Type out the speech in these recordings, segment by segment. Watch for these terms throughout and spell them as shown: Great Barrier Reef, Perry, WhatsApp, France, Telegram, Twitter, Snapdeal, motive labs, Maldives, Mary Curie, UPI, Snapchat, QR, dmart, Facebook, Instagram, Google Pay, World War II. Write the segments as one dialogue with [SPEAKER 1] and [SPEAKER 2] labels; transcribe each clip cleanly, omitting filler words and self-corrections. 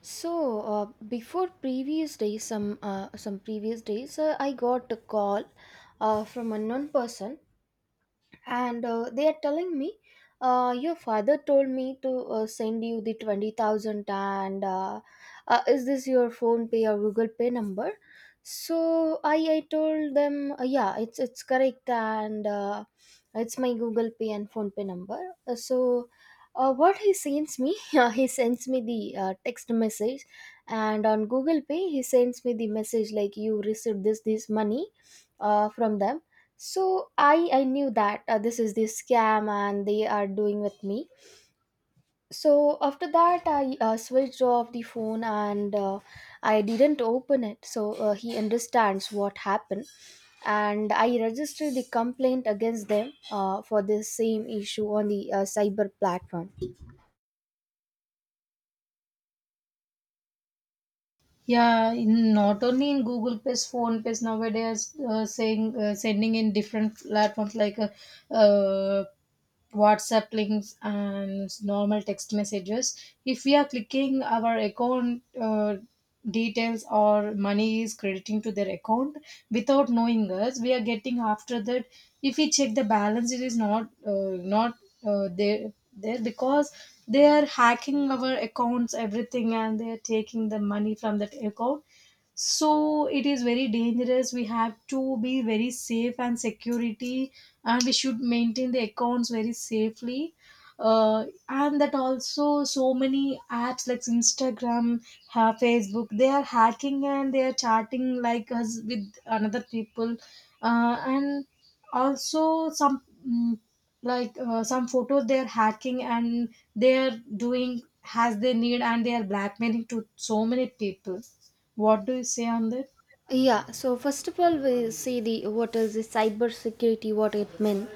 [SPEAKER 1] Before previous days, some previous days, I got a call from unknown person, and they are telling me, your father told me to send you the 20,000, and is this your phone pay or google pay number? So I told them, yeah, it's correct, and it's my google pay and phone pay number. So what he sends me, he sends me the text message, and on google pay he sends me the message like you received this money from them. So I knew that this is the scam and they are doing with me. So after that I switched off the phone, and I didn't open it. So he understands what happened, and I registered the complaint against them for this same issue on the cyber platform.
[SPEAKER 2] Yeah, in, not only in Google Pay, Phone Pay nowadays saying sending in different platforms like uh, WhatsApp links and normal text messages. If we are clicking our account details or money is crediting to their account without knowing us, we are getting after that. If we check the balance, it is not not they there because they are hacking our accounts everything, and they are taking the money from that account. So it is very dangerous, we have to be very safe and security, and we should maintain the accounts very safely. And that also, so many apps like Instagram, Facebook, they are hacking and they are chatting like us with another people. And also some some photos they are hacking and they are doing as they need, and they are blackmailing to so many people. What do you say on that?
[SPEAKER 1] Yeah, so first of all, we see the what is the cyber security, what it means.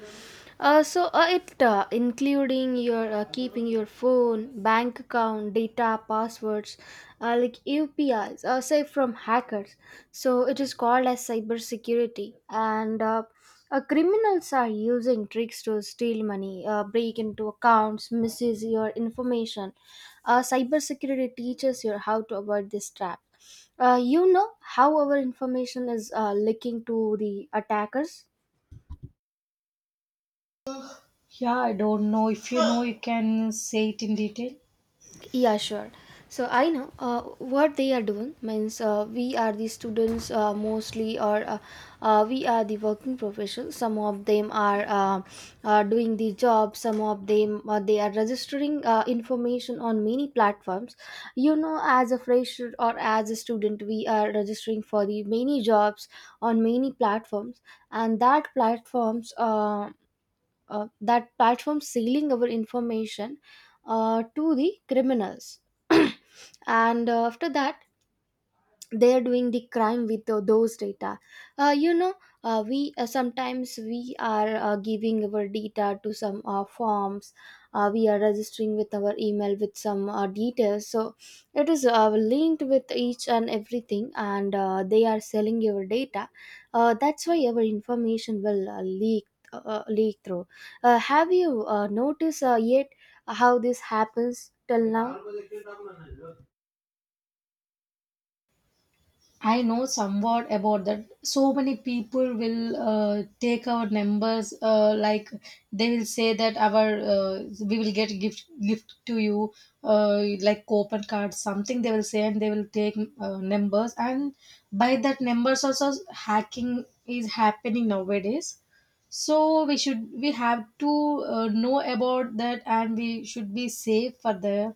[SPEAKER 1] It including your keeping your phone, bank account, data, passwords, like UPIs, safe from hackers. So it is called as cybersecurity, and criminals are using tricks to steal money, break into accounts, misuse your information. Cybersecurity teaches you how to avoid this trap. You know how our information is leaking to the attackers.
[SPEAKER 2] Yeah, I don't know, if you know you can say it in detail.
[SPEAKER 1] Yeah, sure. So I know what they are doing means we are the students mostly, or we are the working professionals. Some of them are doing the job. Some of them they are registering information on many platforms. You know, as a fresher or as a student, we are registering for the many jobs on many platforms, and that platforms. That platform selling our information to the criminals. And after that they're doing the crime with those data, you know, we sometimes we are giving our data to some forms. We are registering with our email with some details, so it is linked with each and everything, and they are selling your data. That's why our information will leak through. Have you noticed yet how this happens till now?
[SPEAKER 2] I know somewhat about that. So many people will take our numbers, like they will say that our we will get gift to you, like coupon cards, something they will say, and they will take numbers, and by that numbers also hacking is happening nowadays. So we have to know about that, and we should be safe for the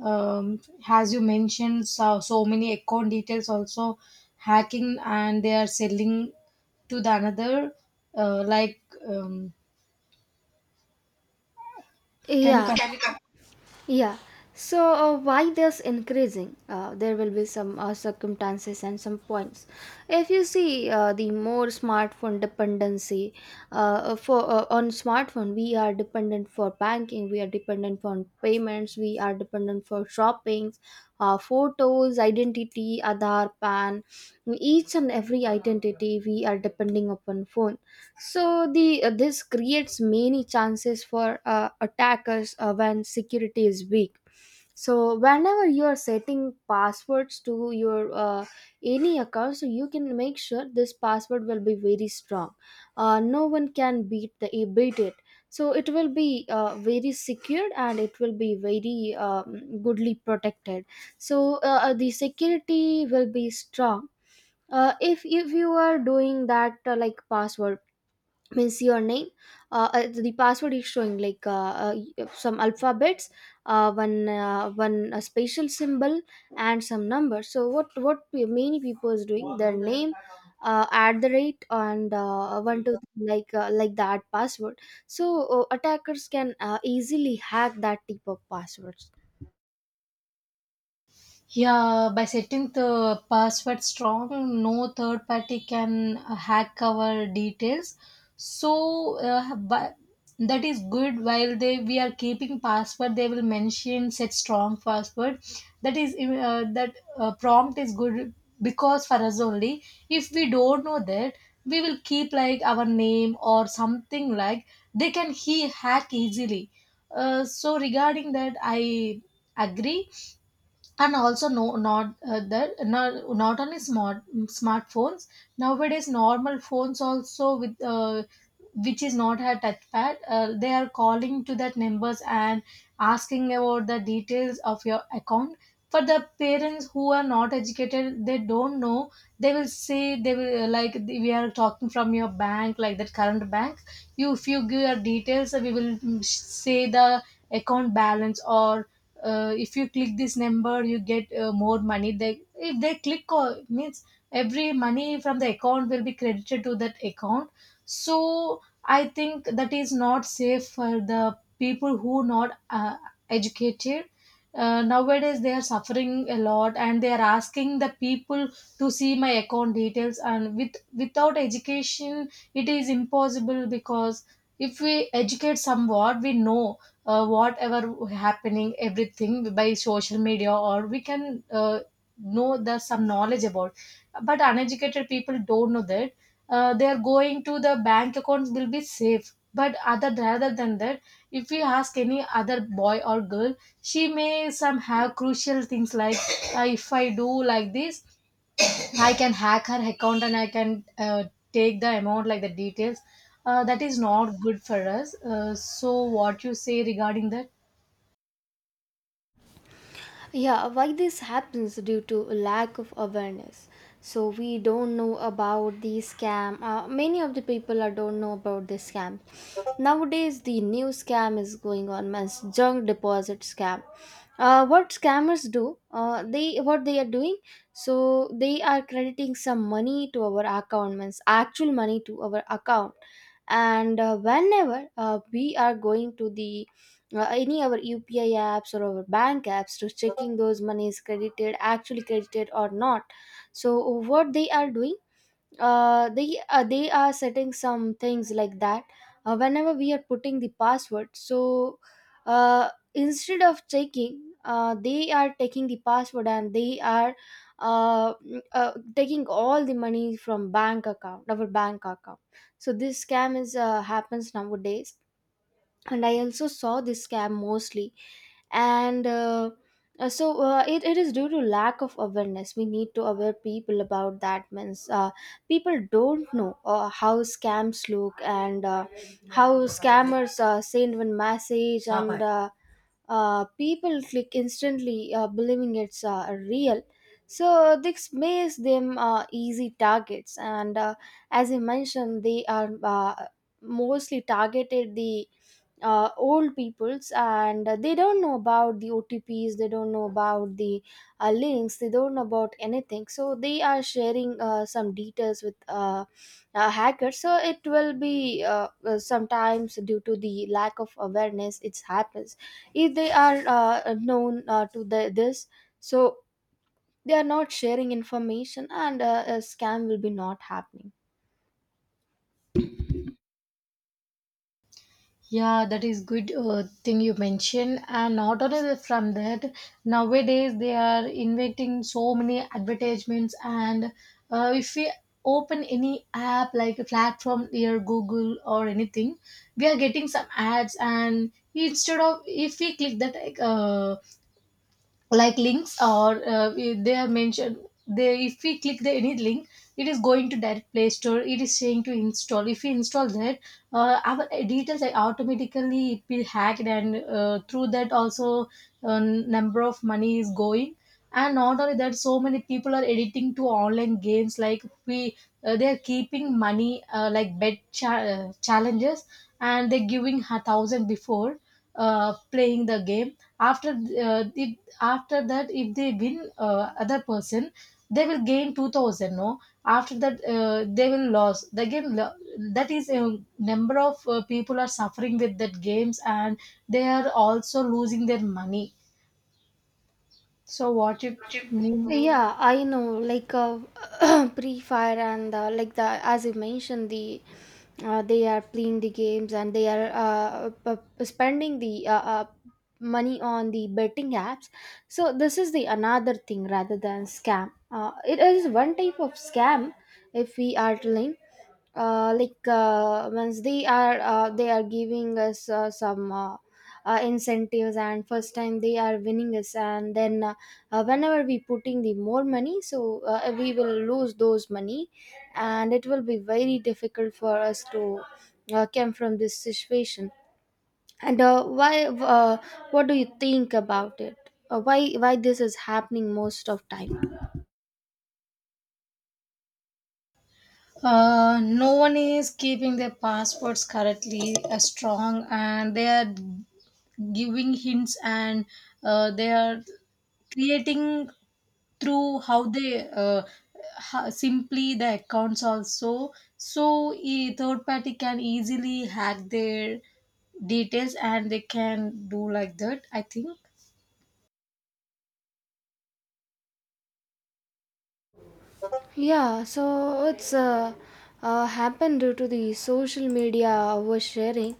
[SPEAKER 2] um, as you mentioned, so, so many account details also hacking, and they are selling to the another, uh, like um, can you?
[SPEAKER 1] Yeah Yeah. So why this increasing? There will be some circumstances and some points. If you see the more smartphone dependency, for on smartphone, we are dependent for banking, we are dependent on payments, we are dependent for shoppings, photos, identity, Aadhaar, PAN, each and every identity we are depending upon phone. So the this creates many chances for attackers when security is weak. So whenever you are setting passwords to your any account, so you can make sure this password will be very strong. No one can beat it, so it will be very secured and it will be very goodly protected, so the security will be strong if you are doing that, like password means your name, the password is showing like some alphabets, one a spatial symbol and some numbers. So many people is doing their name at the rate and 1 2 3, like that password, so attackers can easily hack that type of passwords.
[SPEAKER 2] Yeah, by setting the password strong, no third party can hack our details. So, but that is good. While they we are keeping password, they will mention set strong password. That is that prompt is good, because for us only. If we don't know that, we will keep like our name or something, like they can he hack easily. So regarding that, I agree. And also, not that not only smartphones, nowadays normal phones also, with which is not a touchpad, they are calling to that numbers and asking about the details of your account. For the parents who are not educated, they don't know. They will say, they will like, we are talking from your bank, like that current bank, you, if you give your details we will mm, say the account balance, or if you click this number you get more money. They, if they click on, means every money from the account will be credited to that account. So I think that is not safe for the people who not educated. Uh, nowadays they are suffering a lot, and they are asking the people to see my account details, and with without education it is impossible, because if we educate somewhat we know whatever happening everything by social media, or we can know the some knowledge about, but uneducated people don't know that. Uh, they are going to the bank, accounts will be safe, but other rather than that, if we ask any other boy or girl, she may some have crucial things like if I do like this, I can hack her account and I can take the amount, like the details. Uh, that is not good for us. So, what you say regarding that?
[SPEAKER 1] Yeah, why this happens due to lack of awareness. So we don't know about the scam. Many of the people are don't know about this scam. Nowadays, the new scam is going on as junk deposit scam. What scammers do? They what they are doing? So they are crediting some money to our account, means actual money to our account, and whenever we are going to the any our UPI apps or our bank apps to checking those monies credited actually credited or not. So what they are doing, they are setting some things like that. Whenever we are putting the password, so instead of checking, they are taking the password, and they are taking all the money from bank account, our bank account. So this scam is happens nowadays, and I also saw this scam mostly, and it is due to lack of awareness. We need to aware people about that, means people don't know how scams look, and how scammers send one message, and people click instantly believing it's real, so this makes them easy targets, and as I mentioned, they are mostly targeted the old peoples, and they don't know about the OTPs, they don't know about the links, they don't know about anything, so they are sharing some details with hackers. So it will be sometimes due to the lack of awareness it happens. If they are known to the, this, so they are not sharing information, and a scam will be not happening.
[SPEAKER 2] Yeah, that is good thing you mentioned. And not only that, from that, nowadays they are inventing so many advertisements. And if we open any app like a platform near Google or anything, we are getting some ads. And instead of, if we click that like links, or they are mentioned, they, if we click the any link, it is going to direct Play Store, it is saying to install. If we install that, our details are automatically, it will hacked, and through that also number of money is going. And not only that, so many people are editing to online games, like we they're keeping money, like challenges, and they're giving a thousand before playing the game. After if, after that if they win other person, they will gain 2000. No, after that they will lose the game. That is a number of people are suffering with that games, and they are also losing their money. So what you
[SPEAKER 1] Oh,
[SPEAKER 2] mean?
[SPEAKER 1] yeah, I know, like pre-fire, and like the, as you mentioned, the they are playing the games and they are spending the money on the betting apps. So this is the another thing rather than scam. It is one type of scam, if we are telling. Once they are giving us some incentives and first time they are winning us, and then whenever we putting the more money, so we will lose those money, and it will be very difficult for us to come from this situation. And uh, why uh, what do you think about it? Why this is happening most of time?
[SPEAKER 2] No one is keeping their passports correctly strong, and they are giving hints, and they are creating through how they how, simply the accounts also. So, a third party can easily hack their details and they can do like that, I think.
[SPEAKER 1] Yeah, so it's happened due to the social media oversharing.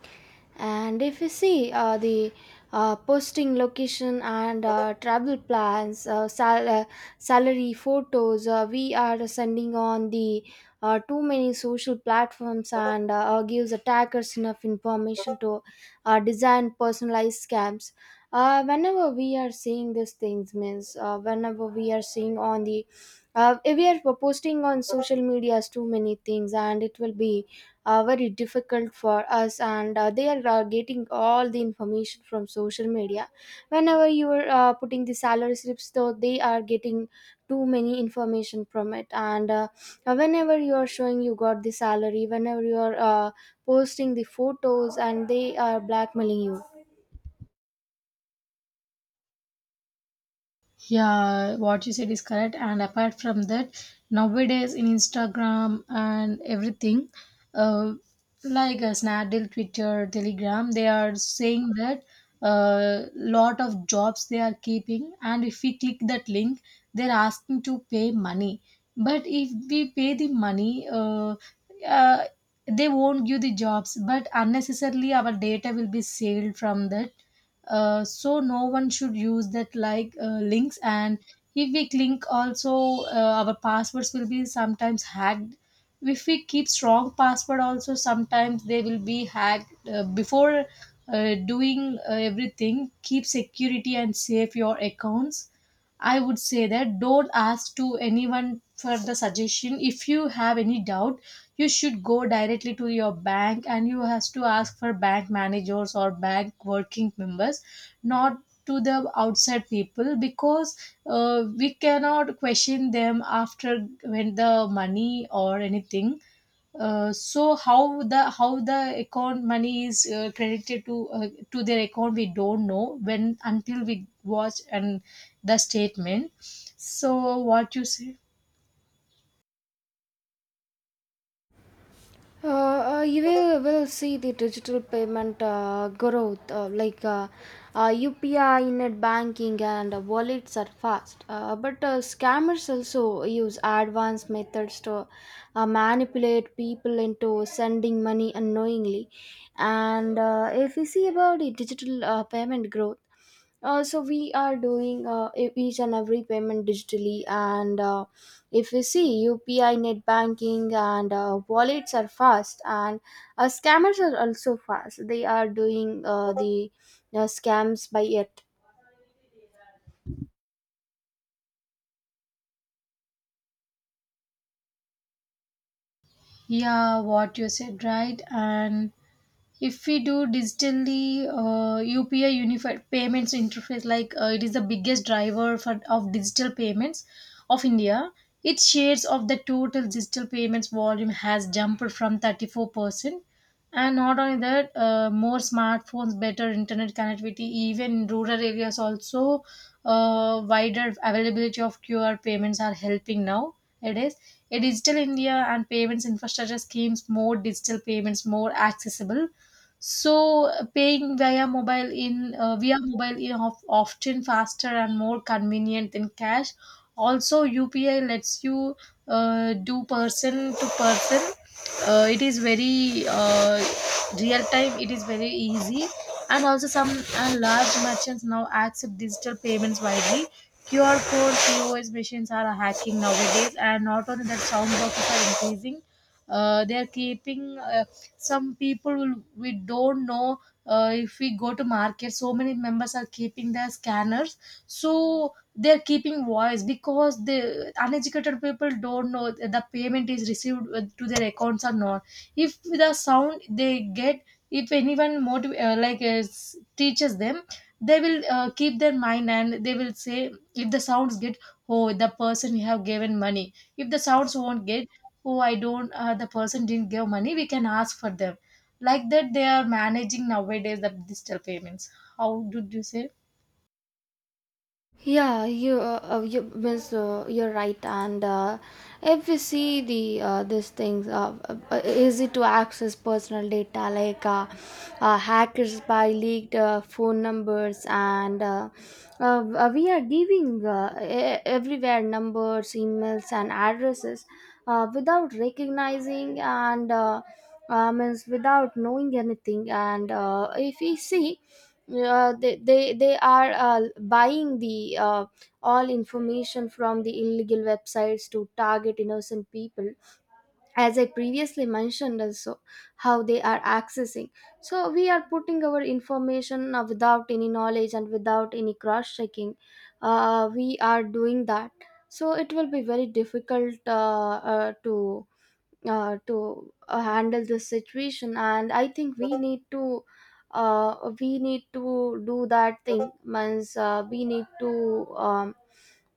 [SPEAKER 1] And if you see the posting location and travel plans, salary photos, we are sending on the too many social platforms, and gives attackers enough information to design personalized scams. Whenever we are seeing these things, means whenever we are seeing on the if we are posting on social medias too many things, and it will be very difficult for us, and they are getting all the information from social media. Whenever you are putting the salary slips, though they are getting too many information from it, and whenever you are showing you got the salary, whenever you are posting the photos, and they are blackmailing you.
[SPEAKER 2] Yeah, what you said is correct. And apart from that, nowadays in Instagram and everything, uh, like Snapdeal, Twitter, Telegram, they are saying that lot of jobs they are keeping, and if we click that link, they're asking to pay money. But if we pay the money, uh, they won't give the jobs, but unnecessarily our data will be saved from that. Uh, so no one should use that like links. And if we click also, our passwords will be sometimes hacked. If we keep strong password also, sometimes they will be hacked. Uh, before doing everything, keep security and save your accounts. I would say that, don't ask to anyone for the suggestion. If you have any doubt, you should go directly to your bank, and you has to ask for bank managers or bank working members, not to the outside people, because we cannot question them after, when the money or anything. Uh, so how the account money is credited to their account, we don't know, when until we watch and the statement. So what you say?
[SPEAKER 1] You will see the digital payment growth, like UPI, net banking, and wallets are fast. But scammers also use advanced methods to manipulate people into sending money unknowingly. And if we see about the digital payment growth, so we are doing each and every payment digitally, and if you see UPI net banking and wallets are fast, and scammers are also fast. They are doing the scams by it.
[SPEAKER 2] Yeah, what you said right. And if we do digitally, UPI, unified payments interface, like it is the biggest driver for of digital payments of India. Its shares of the total digital payments volume has jumped from 34%. And not only that, more smartphones, better internet connectivity, even in rural areas also, wider availability of QR payments are helping now. It is a digital India, and payments infrastructure schemes more digital payments more accessible. So paying via mobile in via mobile is often faster and more convenient than cash. Also, UPI lets you do person to person. It is very real time. It is very easy, and also some large merchants now accept digital payments widely. QR code POS machines are hacking nowadays, and not only that, sound boxes are increasing. They are keeping some we don't know, if we go to market, so many members are keeping their scanners, so they're keeping voice, because the uneducated people don't know the payment is received to their accounts or not. If the sound they get, if anyone like teaches them, they will keep their mind, and they will say, if the sounds get, oh, the person you have given money, if the sounds won't get, oh, I don't the person didn't give money, we can ask for them. Like that they are managing nowadays the digital payments. How did you say?
[SPEAKER 1] Yeah, you means you're right, and if we see the these things, easy to access personal data, like hackers by leaked phone numbers, and we are giving everywhere numbers, emails, and addresses without recognizing, and means without knowing anything, and if we see they are buying the all information from the illegal websites to target innocent people, as I previously mentioned also, how they are accessing. So we are putting our information without any knowledge and without any cross checking, we are doing that. So it will be very difficult to handle this situation, and I think uh, we need to do that thing, means we need to um,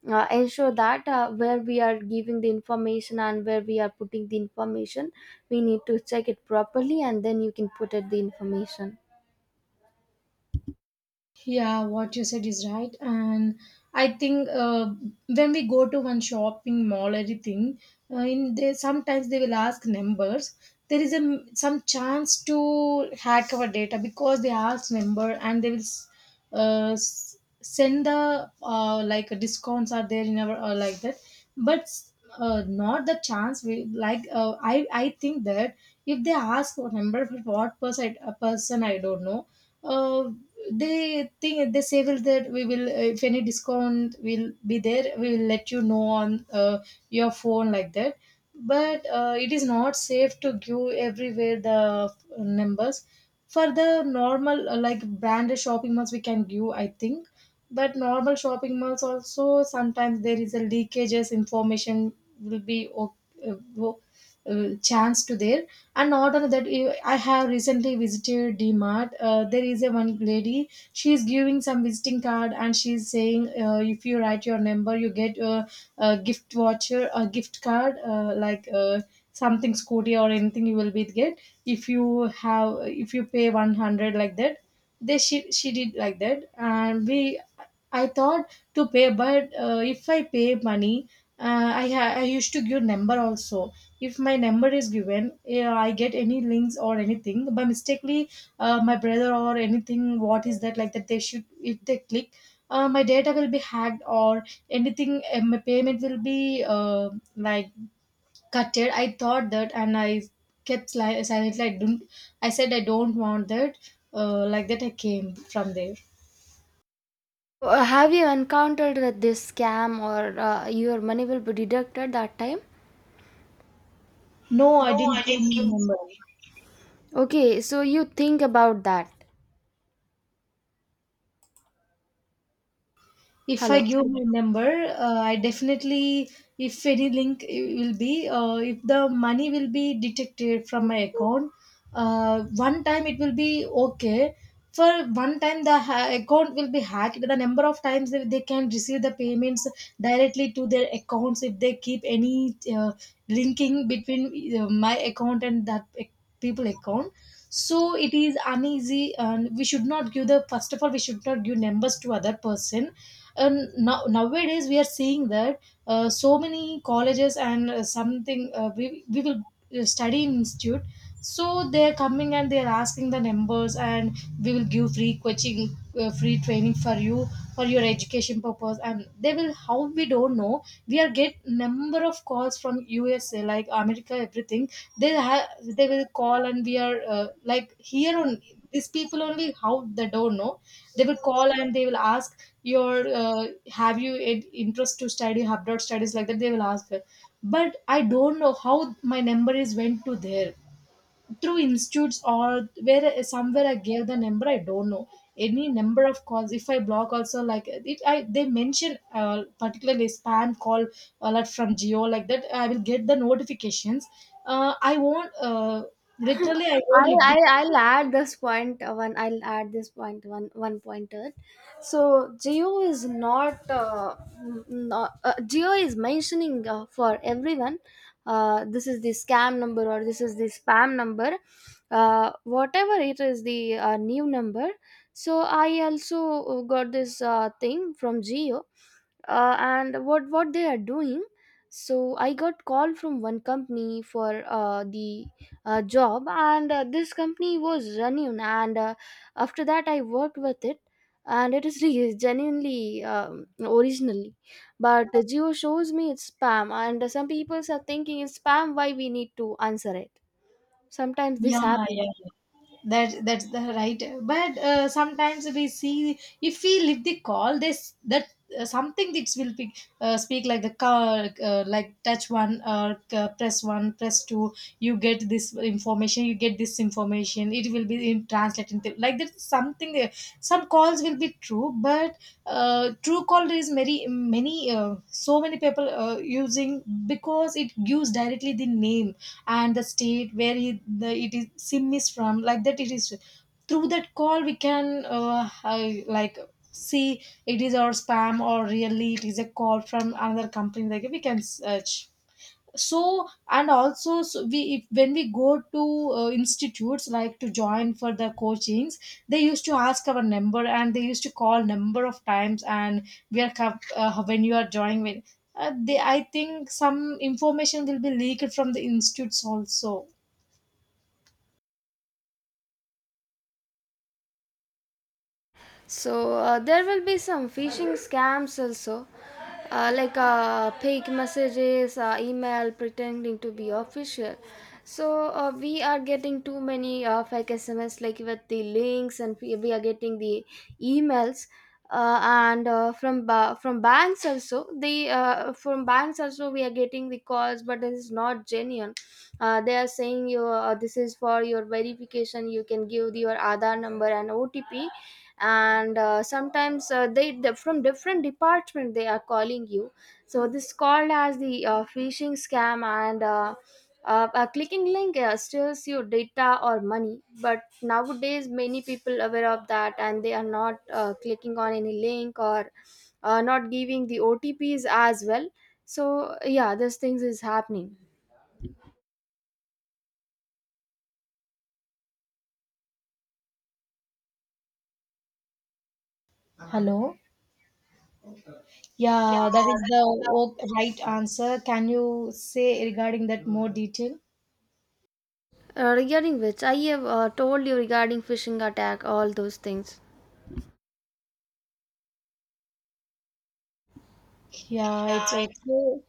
[SPEAKER 1] uh, ensure that where we are giving the information and where we are putting the information, we need to check it properly, and then you can put it the information.
[SPEAKER 2] Yeah, what you said is right. And I think when we go to one shopping mall, anything, in they sometimes they will ask numbers. There is some chance to hack our data because they ask number and they will send the like discounts are there in our like that but not the chance we like I think that if they ask what number for what person a person I don't know, uh, they think they say will that we will if any discount will be there we will let you know on your phone like that. But it is not safe to give everywhere the numbers. For the normal like branded shopping malls we can give I think, but normal shopping malls also sometimes there is a leakages information will be uh, wo- chance to there. And not only that, eh, I have recently visited Dmart. There is a one lady, she is giving some visiting card and she is saying if you write your number you get a gift voucher, a gift card, like something scooty or anything you will be get if you have if you pay 100 like that. They she she did like that and we, I thought to pay but if I pay money I used to give number also. If my number is given I get any links or anything by mistakenly, my brother or anything what is that like that they should if they click my data will be hacked or anything, my payment will be like cut it. I thought that, and I kept silently. I didn't. I said I don't want that. Like that, I came from there.
[SPEAKER 1] Have you encountered that this scam, or your money will be deducted that time?
[SPEAKER 2] No, I didn't came in Mumbai.
[SPEAKER 1] Okay, so you think about that.
[SPEAKER 2] If
[SPEAKER 1] Hello.
[SPEAKER 2] I give my number, I definitely, if any link I- will be, if the money will be detected from my account, one time it will be okay. For one time, the account will be hacked. The number of times they can receive the payments directly to their accounts if they keep any linking between my account and people account. So it is uneasy, and we should not give the first of all, we should not give numbers to other person. And now nowadays we are seeing that so many colleges and something we will study in institute, so they are coming and they are asking the numbers and we will give free coaching, free training for you for your education purpose, and they will how we don't know. We are get number of calls from USA, like America, everything. They have, they will call and we are like here on these people only how they don't know. They will call and they will ask your have you an interest to study abroad studies like that they will ask her. But I don't know how my number is went to there, through institutes or where somewhere I gave the number I don't know. Any number of calls if I block also like it I they mention particularly spam call alert from Geo like that I will get the notifications. I won't literally I won't
[SPEAKER 1] I'll,
[SPEAKER 2] live the.
[SPEAKER 1] I'll, I'll add this point, one I'll add this point one pointer. So Geo is not Geo is mentioning for everyone. This is the scam number or this is the spam number, whatever it is the new number. So I also got this thing from Geo, and what they are doing. So I got call from one company for the job, and this company was genuine, and after that I worked with it, and it is really genuinely originally. But the Geo shows me it's spam, and some people are thinking it's spam, why we need to answer it. Sometimes this
[SPEAKER 2] Yeah,
[SPEAKER 1] happens.
[SPEAKER 2] yeah, that's the right, but sometimes we see if we leave the call this that, something that will be, speak like the car like touch one or press one, press two, you get this information you get this information it will be in translating the, like that something some calls will be true. But true call is very many so many people using because it gives directly the name and the state where he, the it is sim is from like that. It is through that call we can like see it is our spam or really it is a call from another company, like we can search. So and also so we if, when we go to institutes like to join for the coachings, they used to ask our number and they used to call number of times. And we are when you are joining when they I think some information will be leaked from the institutes also.
[SPEAKER 1] So there will be some phishing scams also, like fake messages, email pretending to be official. So we are getting too many fake SMS like with the links, and we are getting the emails, and from banks also, the from banks also we are getting the calls, but this is not genuine. They are saying you, this is for your verification, you can give your Aadhaar number and OTP. And sometimes from different department they are calling you. So this called as the phishing scam, and a clicking link steals your data or money. But nowadays many people aware of that, and they are not clicking on any link, or not giving the OTPs as well. So yeah, these things is happening.
[SPEAKER 2] Hello. Yeah, that is the right answer. Can you say regarding that more detail?
[SPEAKER 1] Regarding which, I have told you regarding phishing attack, all those things.
[SPEAKER 2] Yeah, it's okay.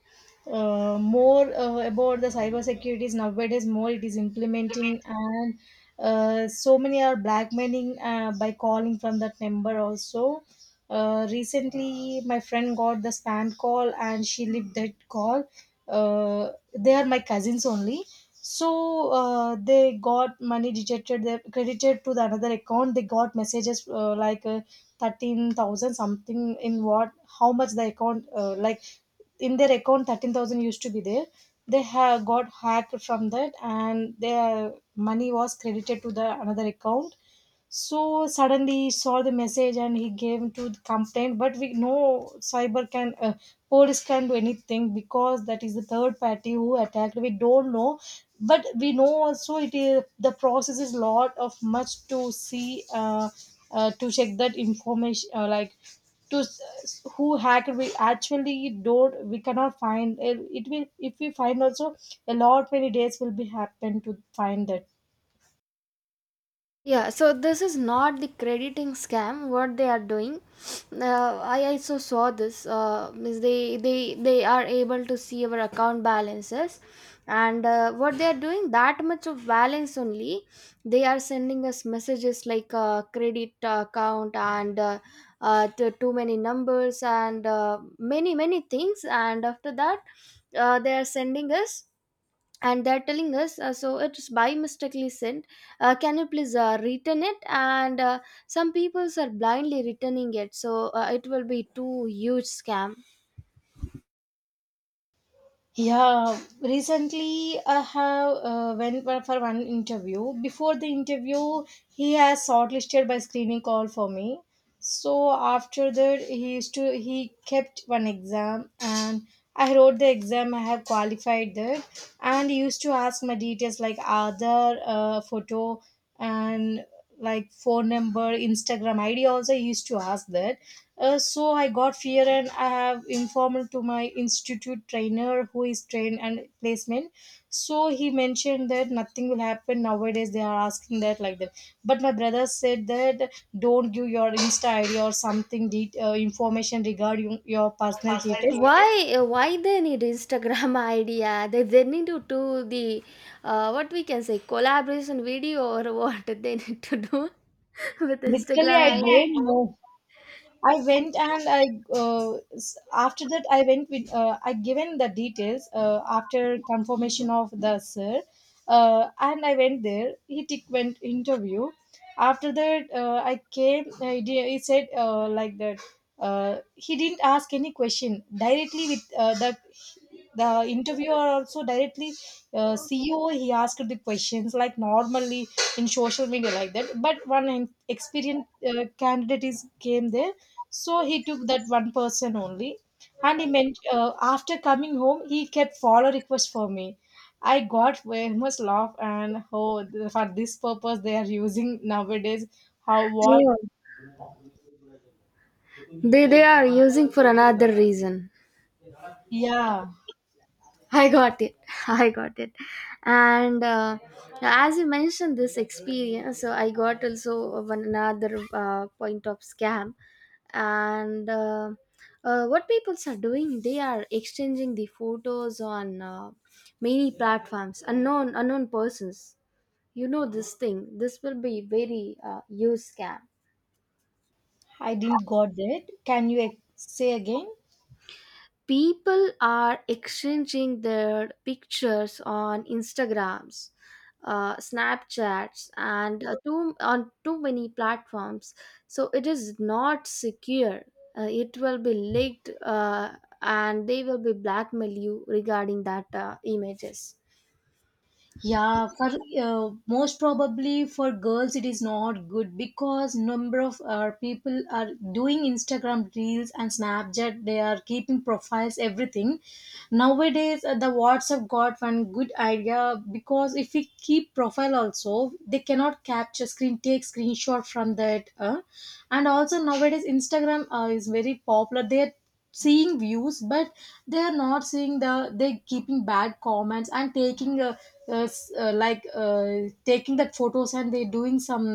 [SPEAKER 2] More about the cyber securities nowadays, more it is implementing, and so many are blackmailing by calling from that number also. Recently, my friend got the spam call and she left that call. They are my cousins only, so they got money deducted, they credited to the another account. They got messages like 13,000 something, in what how much the account like in their account 13,000 used to be there. They have got hacked from that and their money was credited to the another account. So suddenly he saw the message and he gave to the complaint, but we know cyber can police can do anything because that is the third party who attacked we don't know. But we know also it is the process is lot of much to see to check that information like who hacked, we actually don't, we cannot find it. It will if we find also a lot many days will be happen to find that.
[SPEAKER 1] Yeah, so this is not the crediting scam. What they are doing, I also saw this. Means they are able to see our account balances, and what they are doing, that much of balance only, they are sending us messages like credit account and too many numbers and many things. And after that, they are sending us and they're telling us, so it's by mistakenly sent, can you please return it. And some people are blindly returning it, so it will be too huge scam.
[SPEAKER 2] Yeah, recently I have went for one interview. Before the interview, he has shortlisted by screening call for me. So after that, he used to he kept one exam and I wrote the exam. I have qualified that, and he used to ask my details, like other photo and like phone number, Instagram ID also used to ask that. So I got fear and I have informed to my institute trainer who is trained and placement. So he mentioned that nothing will happen nowadays, they are asking that like that. But my brother said that don't give your insta ID or something information regarding your personal details.
[SPEAKER 1] Why why they need Instagram idea? They need to do the what we can say collaboration video, or what they need to do with
[SPEAKER 2] Literally,
[SPEAKER 1] Instagram
[SPEAKER 2] I
[SPEAKER 1] idea?
[SPEAKER 2] don't know. I went and I after that I went with I given the details after confirmation of the sir, and I went there. He took went interview. After that, I came. He he said like that. He didn't ask any question directly with the interviewer also directly CEO. He asked the questions like normally in social media like that. But one experienced candidate is came there, so he took that one person only. And he meant after coming home he kept follow request for me. I got very much laugh, and oh for this purpose they are using nowadays. How what?
[SPEAKER 1] Oh, they are using for another reason.
[SPEAKER 2] Yeah,
[SPEAKER 1] I got it. I got it. And as you mentioned this experience, so I got also one another point of scam. And what people are doing, they are exchanging the photos on many platforms, unknown persons. You know this thing. This will be very huge scam.
[SPEAKER 2] I didn't got that, can you say again?
[SPEAKER 1] People are exchanging their pictures on Instagrams, Snapchats, and too, on too many platforms. So it is not secure. It will be leaked, and they will be blackmail you regarding that images.
[SPEAKER 2] Yeah, for most probably for girls it is not good, because number of people are doing Instagram reels and Snapchat, they are keeping profiles everything. Nowadays the WhatsApp got one good idea, because if we keep profile also they cannot capture screen, take screenshot from that and also nowadays Instagram is very popular there, seeing views. But they are not seeing the, they keeping bad comments and taking like taking that photos and they doing some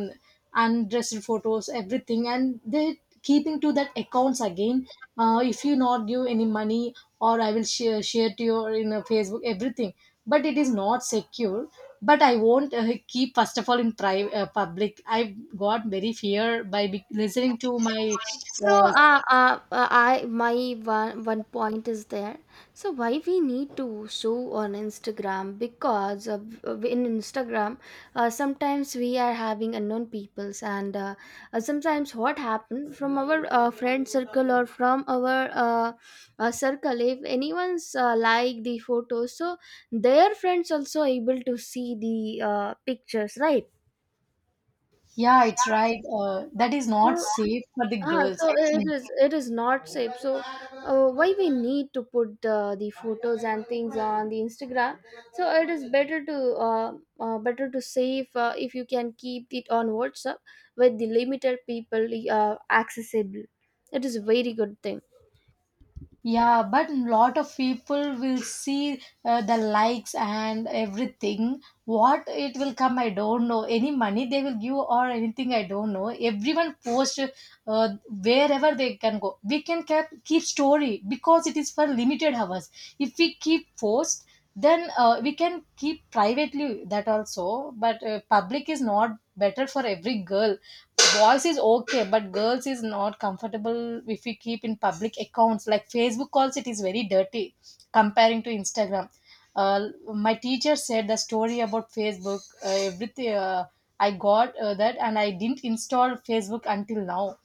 [SPEAKER 2] undressed photos everything and they keeping to that accounts again. Uh, if you not give any money or I will share to your in a Facebook everything, but it is not secure. But I won't keep first of all in private public. I got very fear by listening to my
[SPEAKER 1] So,
[SPEAKER 2] uh,
[SPEAKER 1] I, my one one point is there. So why we need to show on Instagram? Because in Instagram, sometimes we are having unknown peoples, and sometimes what happened, from our friend circle or from our circle, if anyone's like the photos, so their friends also able to see the pictures, right?
[SPEAKER 2] yeah, it's right. That is
[SPEAKER 1] So,
[SPEAKER 2] not safe for the
[SPEAKER 1] ah,
[SPEAKER 2] girls,
[SPEAKER 1] so
[SPEAKER 2] I think.
[SPEAKER 1] it is not safe. So why we need to put the photos and things on the Instagram? So it is better to uh, better to save. If you can keep it on WhatsApp with the limited people accessible, it is a very good thing.
[SPEAKER 2] Yeah, but lot of people will see the likes and everything. What it will come, I don't know. Any money they will give or anything, I don't know. Everyone post wherever they can go. We can keep story because it is for limited hours. If we keep post, then we can keep privately that also, but public is not better for every girl. Boys is okay but girls is not comfortable if we keep in public accounts like Facebook calls, it is very dirty comparing to Instagram. uh, my teacher said the story about Facebook everything I got that and I didn't install Facebook until now.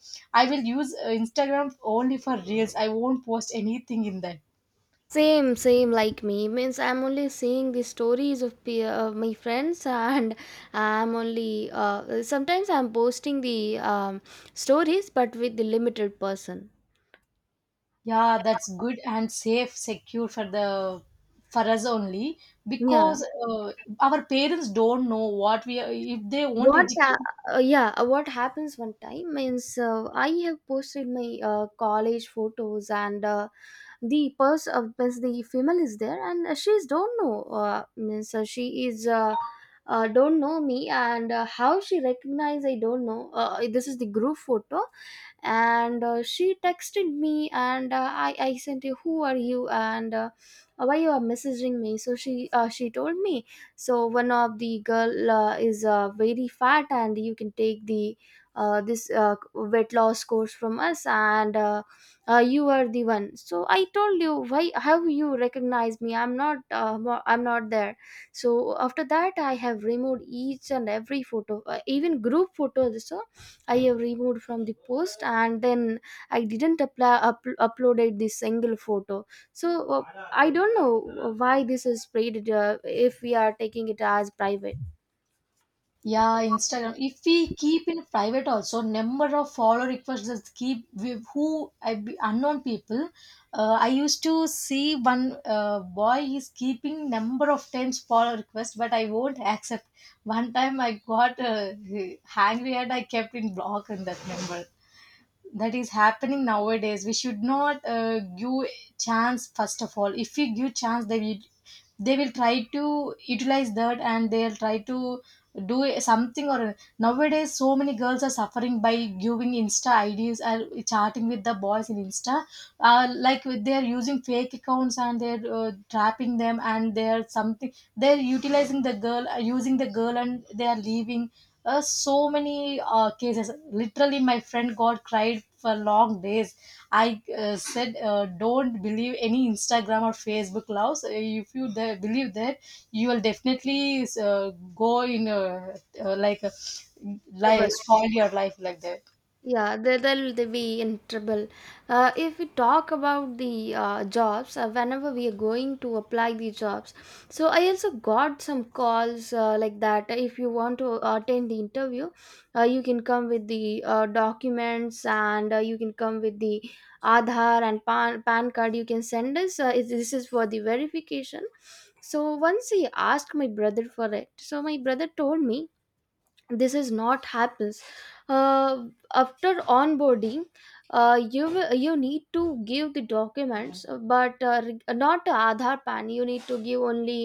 [SPEAKER 2] I will use Instagram only for reels, I won't post anything in that.
[SPEAKER 1] Same, same like me. Means I'm only seeing the stories of my friends, and I'm only sometimes I'm posting the stories, but with the limited person.
[SPEAKER 2] Yeah, that's good and safe, secure for the for us only.
[SPEAKER 1] Yeah.
[SPEAKER 2] Because our parents don't know what we are, if they won't
[SPEAKER 1] what uh,
[SPEAKER 2] educate.
[SPEAKER 1] yeah what happens one time means, I have posted my college photos, and means the female is there, and she's don't know, means she is, don't know me. And how she recognize I don't know. This is the group photo, and she texted me. And I sent you, who are you and why you are messaging me? So she told me, so one of the girl is very fat, and you can take the this weight loss course from us, and you are the one. So I told you, why, how you recognize me? I'm not I'm not there. So after that I have removed each and every photo, even group photos. So I have removed from the post, and then I didn't apply uploaded this single photo. So I don't know why this is spread, if we are taking it as private.
[SPEAKER 2] Yeah, Instagram. If we keep in private also, number of follow requests that keep with who I be unknown people. I used to see one boy is keeping number of times follow request, but I won't accept. One time I got angry and I kept in block in that number. That is happening nowadays, we should not give chance. First of all, if we give chance they will, they will try to utilize that and they'll try to do something. Or nowadays so many girls are suffering by giving insta IDs and chatting with the boys in insta, like they're using fake accounts and they're trapping them and they're something they're utilizing the girl using the girl and they are leaving, so many cases. Literally my friend got cried for long days. I said don't believe any Instagram or Facebook loves. If you believe that you will definitely go in like life spoil your life like that.
[SPEAKER 1] Yeah, they, they'll they be in trouble. If we talk about the jobs, whenever we are going to apply the jobs, so I also got some calls like that. If you want to attend the interview, you can come with the documents, and you can come with the Aadhaar and PAN, PAN card. You can send us. This is for the verification. So once he asked my brother for it, so my brother told me this is not happens. uh, after onboarding, you need to give the documents, not the Aadhaar PAN. You need to give only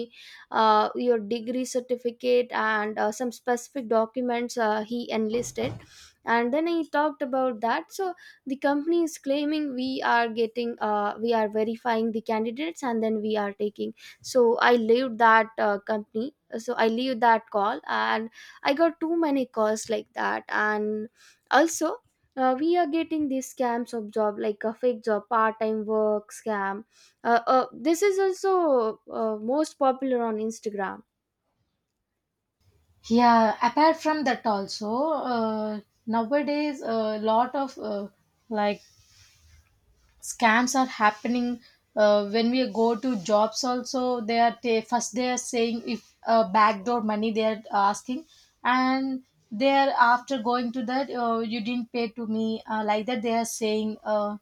[SPEAKER 1] your degree certificate and some specific documents he enlisted. And then he talked about that. So the company is claiming, we are getting we are verifying the candidates and then we are taking. So I leave that company, so I leave that call. And I got too many calls like that. And also, we are getting these scams of job, like a fake job part-time work scam. This is also most popular on Instagram.
[SPEAKER 2] Yeah, apart from that also uh, nowadays a lot of like scams are happening. Uh, when we go to jobs also they are they, first they are saying if backdoor money they are asking, and they are after going to that you didn't pay to me like that they are saying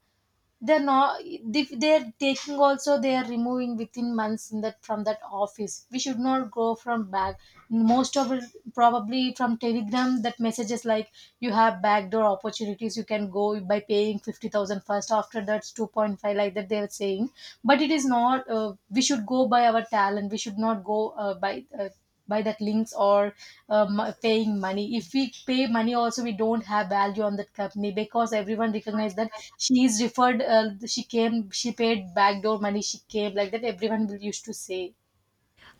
[SPEAKER 2] they're not if they're taking also they are removing within months in that from that office, we should not go from back most of it, probably from Telegram. That messages like you have backdoor opportunities you can go by paying 50,000 first. After that's 2.5 like that they're saying. But it is not we should go by our talent, we should not go by that links or paying money. If we pay money also we don't have value on that company, because everyone recognize that she is referred she came she paid backdoor money she came like that everyone will used to say.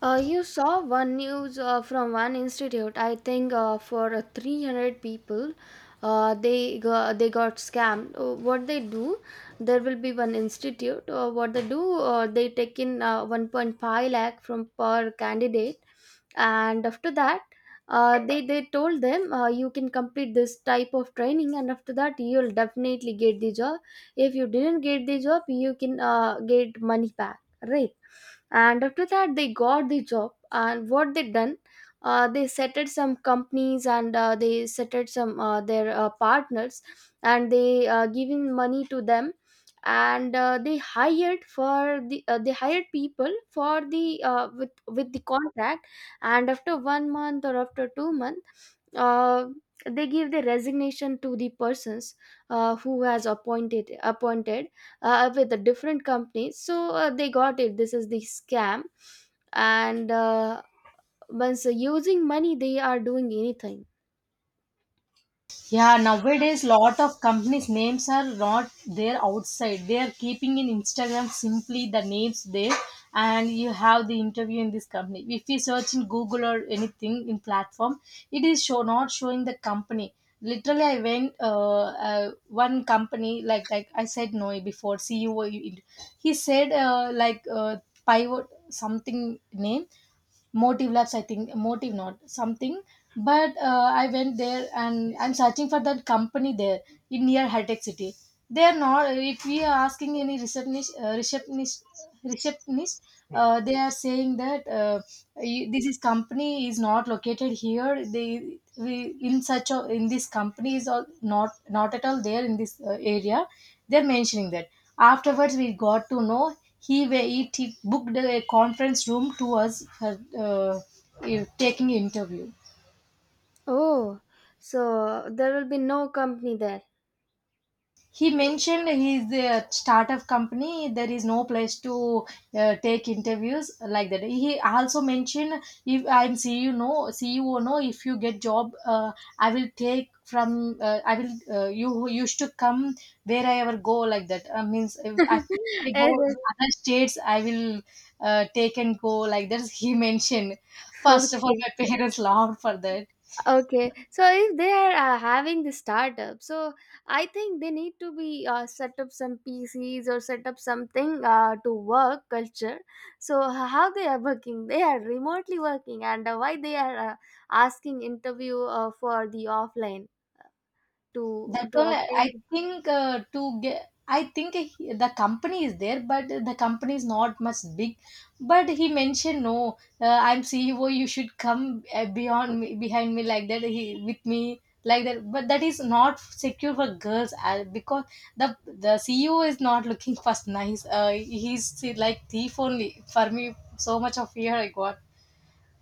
[SPEAKER 1] You saw one news from one institute. I think for 300 people, they go, they got scammed. What they do, there will be one institute. What they do, they take in 1.5 lakh from per candidate. And after that, they told them, you can complete this type of training, and after that you'll definitely get the job. If you didn't get the job, you can get money back, right? And after that they got the job, and what they done, they settled some companies, and they settled some their partners, and they giving money to them. And they hired for the they hired people for the with the contract. And after 1 month or after 2 months, uh, they give the resignation to the persons who has appointed with the different companies. So they got it. This is the scam. And once using money, they are doing anything.
[SPEAKER 2] Yeah, nowadays lot of companies' names are not there outside. They are keeping in Instagram simply the names there, and you have the interview in this company. If you search in Google or anything in platform, it is show not showing the company. Literally, I went one company like I said no before CEO. He said like pivot something name, motive labs I think, motive not something. But I went there and I'm searching for that company there in near high-tech city. They are not, if we are asking any receptionist receptionist they are saying that you- this is company is not located here, they we in such a, in this company is all not, not at all there in this area, they're mentioning that. Afterwards we got to know he it he booked a conference room to us for uh, taking interview.
[SPEAKER 1] Oh, so there will be no company there.
[SPEAKER 2] He mentioned his startup company there is no place to take interviews, like that he also mentioned. If I'm CEO, no, CEO, no, if you get job i will take from I will you used to come where I ever go like that means if I, if I go
[SPEAKER 1] Yes, yes.
[SPEAKER 2] other states I will take and go like that he mentioned. First of all
[SPEAKER 1] Okay.
[SPEAKER 2] my parents laughed for that.
[SPEAKER 1] Okay, so if they are having the startup, so I think they need to be set up some PCs, or set up something to work culture. So how they are working? They are remotely working, and why they are asking interview for the offline to
[SPEAKER 2] That
[SPEAKER 1] to
[SPEAKER 2] one, I
[SPEAKER 1] attend?
[SPEAKER 2] think to get, I think the company is there, but the company is not much big. But he mentioned, no, I'm CEO. You should come beyond me, behind me like that. He, with me, like that. But that is not secure for girls because the the CEO is not looking first nice. He's like thief only for me. So much of fear I got.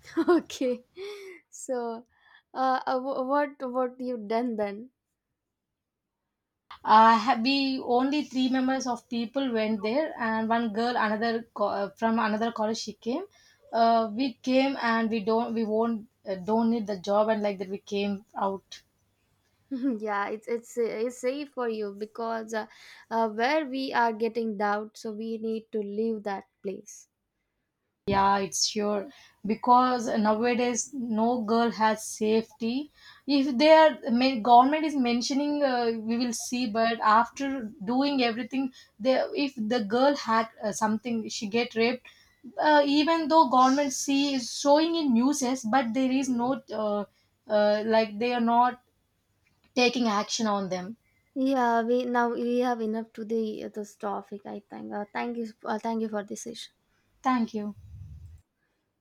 [SPEAKER 1] Okay, so what you done then?
[SPEAKER 2] Uh, we only three members of people went there, and one girl, another from another college she came. Uh, we came and we don't, we won't don't need the job and like that we came out.
[SPEAKER 1] yeah, it's it's safe for you, because where we are getting doubt, so we need to leave that place.
[SPEAKER 2] Yeah, it's sure. Because nowadays no girl has safety. If they are government is mentioning, we will see. But after doing everything, they, if the girl had something, she get raped. Even though government see is showing in news, but there is no like they are not taking action on them.
[SPEAKER 1] Yeah, we now we have enough to the this topic, I think. Thank you, thank you for this session.
[SPEAKER 2] Thank you.